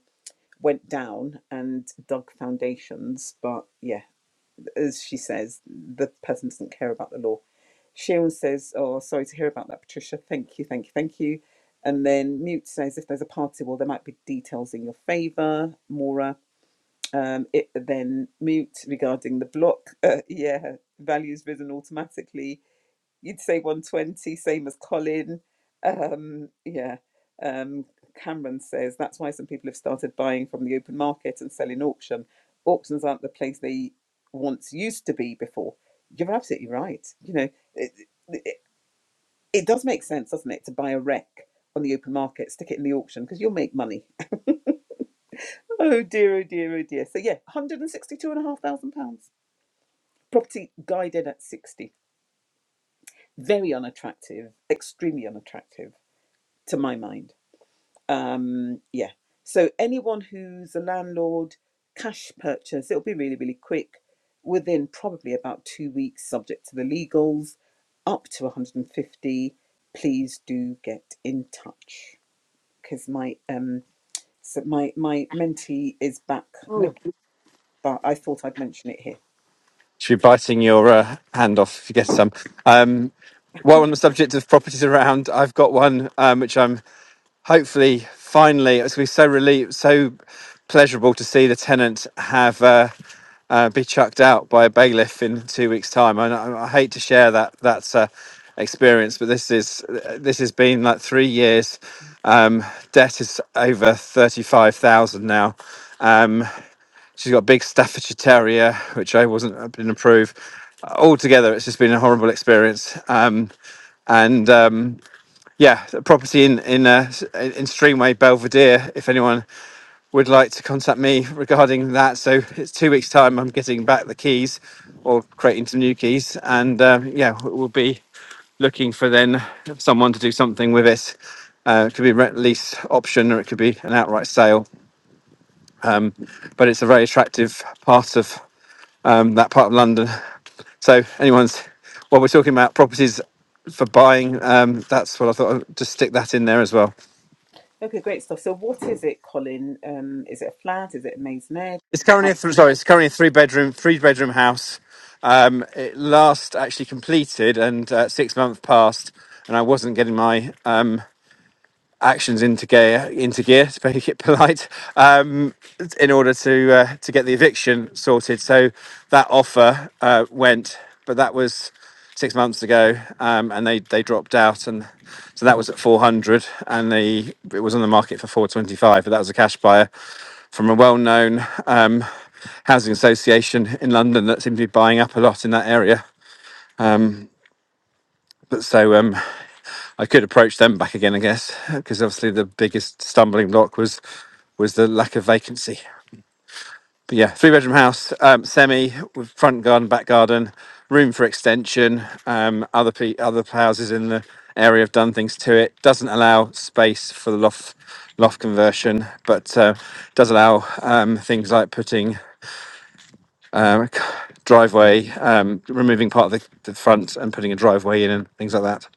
A: went down and dug foundations. But yeah as she says, the person doesn't care about the law. Sharon says, Oh, sorry to hear about that, Patricia. Thank you, thank you, thank you. And then Mute says, If there's a party, well, there might be details in your favour, Maura. Um, it, then Mute regarding the block, uh, yeah, values risen automatically you'd say 120, same as Colin. Um, yeah. Um, Cameron says that's why some people have started buying from the open market and selling auction. Auctions aren't the place they once used to be before. You're absolutely right. You know, it, it, it does make sense, doesn't it, to buy a wreck on the open market, stick it in the auction because you'll make money. Oh dear, oh dear, oh dear. So yeah, one hundred and sixty-two and a half thousand pounds. Property guided at sixty. Very unattractive, extremely unattractive to my mind. um yeah so anyone who's a landlord cash purchase it'll be really really quick within probably about two weeks subject to the legals up to 150 please do get in touch because my um so my my mentee is back Look, but i thought i'd mention it here
B: should be biting your uh, hand off if you get some. Um, while on the subject of properties around, I've got one um, which I'm hopefully, finally, it's going to be so relieved, so pleasurable to see the tenant have uh, uh, be chucked out by a bailiff in two weeks' time. And I, I hate to share that that uh, experience, but this is this has been like three years. Um, debt is over thirty five thousand now. Um, she's got a big Staffordshire Terrier, which I wasn't I didn't approve. Altogether, it's just been a horrible experience. Um, and um, yeah, a property in in uh, in Streamway Belvedere. If anyone would like to contact me regarding that, so it's two weeks' time. I'm getting back the keys, or creating some new keys, and um, yeah, we'll be looking for then someone to do something with it. Uh, it could be rent lease option, or it could be an outright sale. But it's a very attractive part of um, that part of London. So anyone's while we're talking about properties for buying, um, that's what I thought. I'd just stick that in there as well.
A: okay great stuff so what is it colin um is it a flat is it a maisonette
B: It's currently
A: Um,
B: a th- sorry. It's currently a three bedroom three bedroom house. Um, it last actually completed and uh, six months passed, and I wasn't getting my um, actions into gear, into gear to make it polite, um, in order to uh, to get the eviction sorted. So that offer uh, went, but that was six months ago, um, and they they dropped out, and so that was at four hundred, and the it was on the market for four twenty five, but that was a cash buyer from a well known um, housing association in London that seemed to be buying up a lot in that area. But so um, I could approach them back again, I guess, because obviously the biggest stumbling block was was the lack of vacancy. But yeah, three bedroom house, um, semi with front garden, back garden, room for extension. Um, other pe- other houses in the area have done things to it. Doesn't allow space for the loft loft conversion, but uh, does allow um, things like putting um, driveway, um, removing part of the, the front and putting a driveway in and things like that.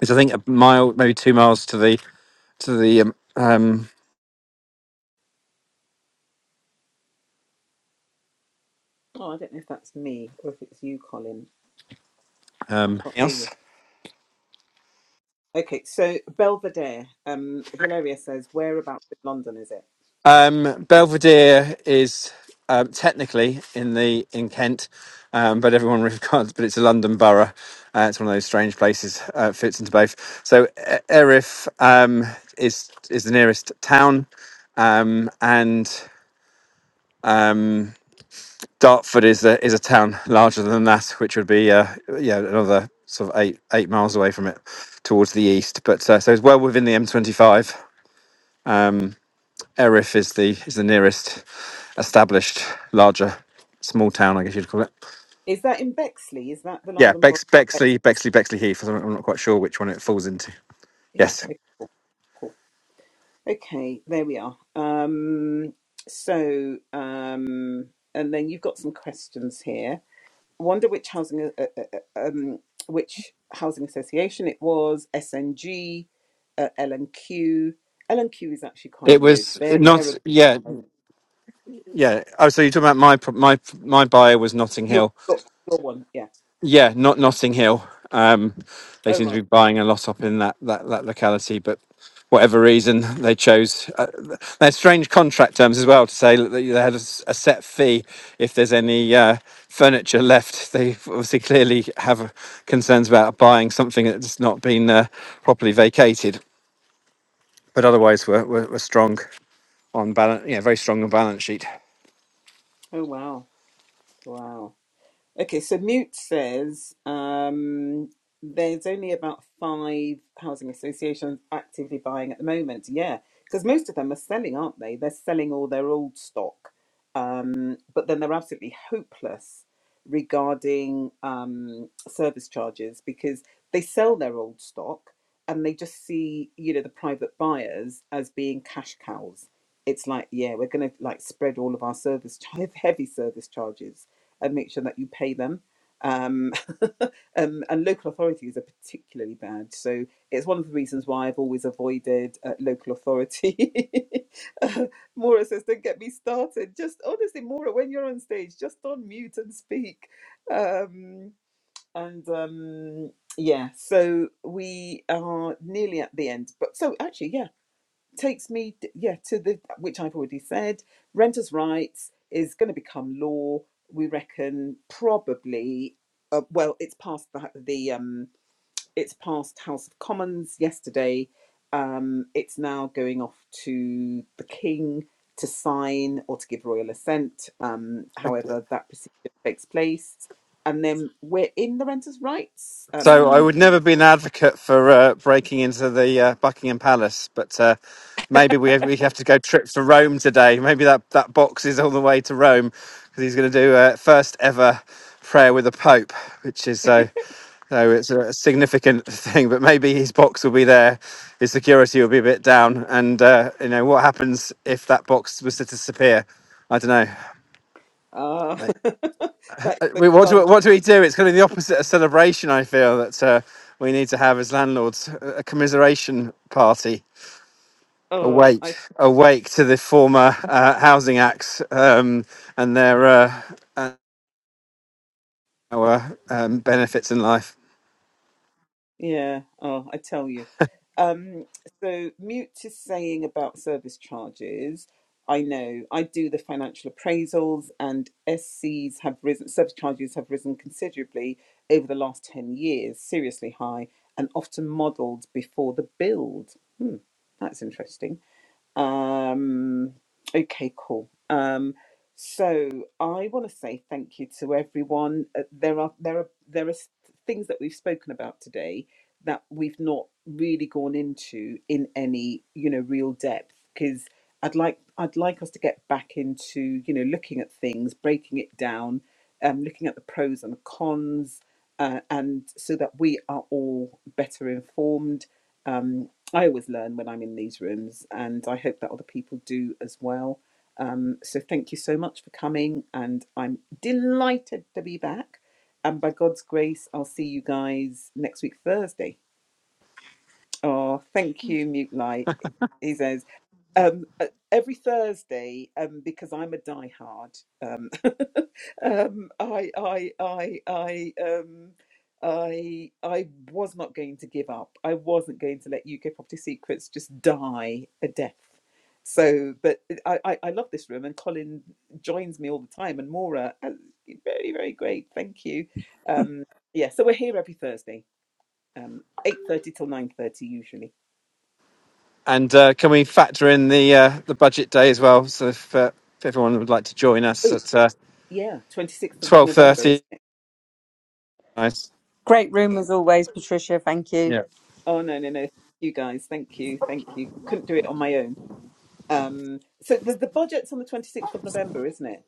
B: It's I think a mile, maybe two miles to the to the um, um,
A: oh i don't know if that's me or if it's you colin i
B: um,
A: can't hear you
B: house.
A: Okay, so Belvedere, um, Valeria says, whereabouts in London is it?
B: Um, Belvedere is um, technically in the in Kent, um, but everyone regards. But it's a London borough. Uh, it's one of those strange places. Uh, fits into both. So E- Erith um, is is the nearest town, um, and um, Dartford is a is a town larger than that, which would be uh, yeah another sort of eight eight miles away from it towards the east. But uh, so it's well within the M25. Erith is the is the nearest established larger small town, I guess you'd call it.
A: Is that in Bexley? Is that the
B: Yeah,
A: London Borough
B: Bex,
A: of Bexley?
B: Bexley, Bexley, Bexley Heath. I'm I'm not quite sure which one it falls into.
A: Yeah,
B: Yes,
A: okay, cool. cool. Okay, there we are. Um, so, um, and then you've got some questions here. Wonder which housing, uh, uh, uh, um, which housing association it was, SNG, uh, L&Q. and q L and Q is actually
B: it
A: quite good.
B: was
A: They're, they're a,
B: not. Yeah, yeah. Oh, so you're talking about my my my buyer was Notting
A: your,
B: Hill.
A: your one, yeah.
B: Yeah, not Notting Hill. Um, they
A: Oh,
B: seem to
A: right.
B: be buying a lot up in that that, that locality, but whatever reason they chose, uh, they had strange contract terms as well to say that they had a, s- a set fee if there's any uh, furniture left. They obviously clearly have concerns about buying something that's not been uh, properly vacated, but otherwise we're, we're, we're strong on balance. Yeah, very strong on balance sheet.
A: Oh, wow. Wow. Okay, so Mute says um, there's only about five housing associations actively buying at the moment. Yeah, because most of them are selling, aren't they? They're selling all their old stock, um, but then they're absolutely hopeless regarding um, service charges because they sell their old stock and they just see, you know, the private buyers as being cash cows. It's like, yeah, we're going to like spread all of our service, heavy service charges and make sure that you pay them. Um, um, and local authorities are particularly bad. So it's one of the reasons why I've always avoided uh, local authority. Uh, Maura says, don't get me started. Just honestly, Maura, when you're on stage, just on mute and speak. Um, and um, yeah, so we are nearly at the end. But so actually, yeah, takes me yeah to the which i've already said renters rights is going to become law we reckon probably uh, well it's passed the, the um it's passed house of commons yesterday um it's now going off to the king to sign or to give royal assent um however that procedure takes place and then we're in the renters rights
B: So I
A: um
B: would never be an advocate for uh, breaking into the uh, Buckingham Palace, but uh, maybe we have, we have to go trip to Rome today. Maybe that, that box is all the way to Rome because he's going to do uh, first ever prayer with the Pope, which is so. So it's a significant thing, but maybe his box will be there, his security will be a bit down, and uh, you know what happens if that box was to disappear? I don't
A: uh,
B: know.
A: that's
B: Uh,
A: so
B: We, what,
A: fun.
B: do, what do we do? It's going to be the opposite of celebration, I feel, that uh, we need to have as landlords a a commiseration party.
A: Oh,
B: Awake,
A: I
B: awake to the former uh, housing acts um, and their uh, and our um, benefits in life.
A: Yeah. Oh, I tell you. Um, so Mute is saying about service charges. I know I do the financial appraisals, and SCs have risen. Service charges have risen considerably over the last ten years. Seriously high, and often modelled before the build. Hmm, that's interesting. Um, okay, cool. Um, so I want to say thank you to everyone. Uh, there are there are there are s- things that we've spoken about today that we've not really gone into in any you know real depth because I'd like I'd like us to get back into you know looking at things, breaking it down, um, looking at the pros and the cons, uh, and so that we are all better informed um, I always learn when I'm in these rooms, and I hope that other people do as well. Um, so thank you so much for coming, and I'm delighted to be back. And by God's grace, I'll see you guys next week, Thursday. Oh, thank you, Mute Light. He says um, uh, every Thursday um, because I'm a diehard. um, um, I, I, I, I, um, I, I was not going to give up. I wasn't going to let UK Property Secrets just die a death. So, but I, I, I love this room, and Colin joins me all the time, and Maura, uh, very, very great. Thank you. Um, yeah, so we're here every Thursday, um, eight thirty till nine thirty usually.
B: And uh, can we factor in the uh, the budget day as well? So if, uh, if everyone would like to join us
A: Oh,
B: at uh,
A: yeah, twenty sixth of
B: twelve
A: November,
B: thirty,
A: isn't it?
B: nice.
C: Great room as always, Patricia. Thank you.
A: Oh no, no, no. You guys, thank you, thank you. Couldn't do it on my own Um, so the, the budget's on the 26th of November, isn't it?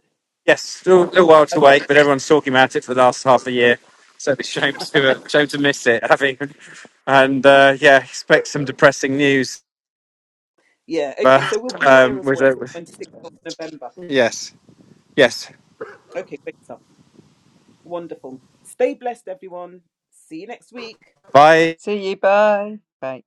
B: Yes, still a little while to
A: Okay.
B: wait, but everyone's talking about it for the last half a year. So it's a shame to uh, shame to miss it, having and uh, yeah, expect some depressing news.
A: Yeah, okay. So
B: But
A: we'll be here
B: um,
A: as
B: with,
A: well,
B: uh, with
A: 26th of November.
B: yes, yes,
A: Okay, great stuff. Wonderful. Stay blessed, everyone. See you next week.
B: bye.
C: See you. Bye. Bye.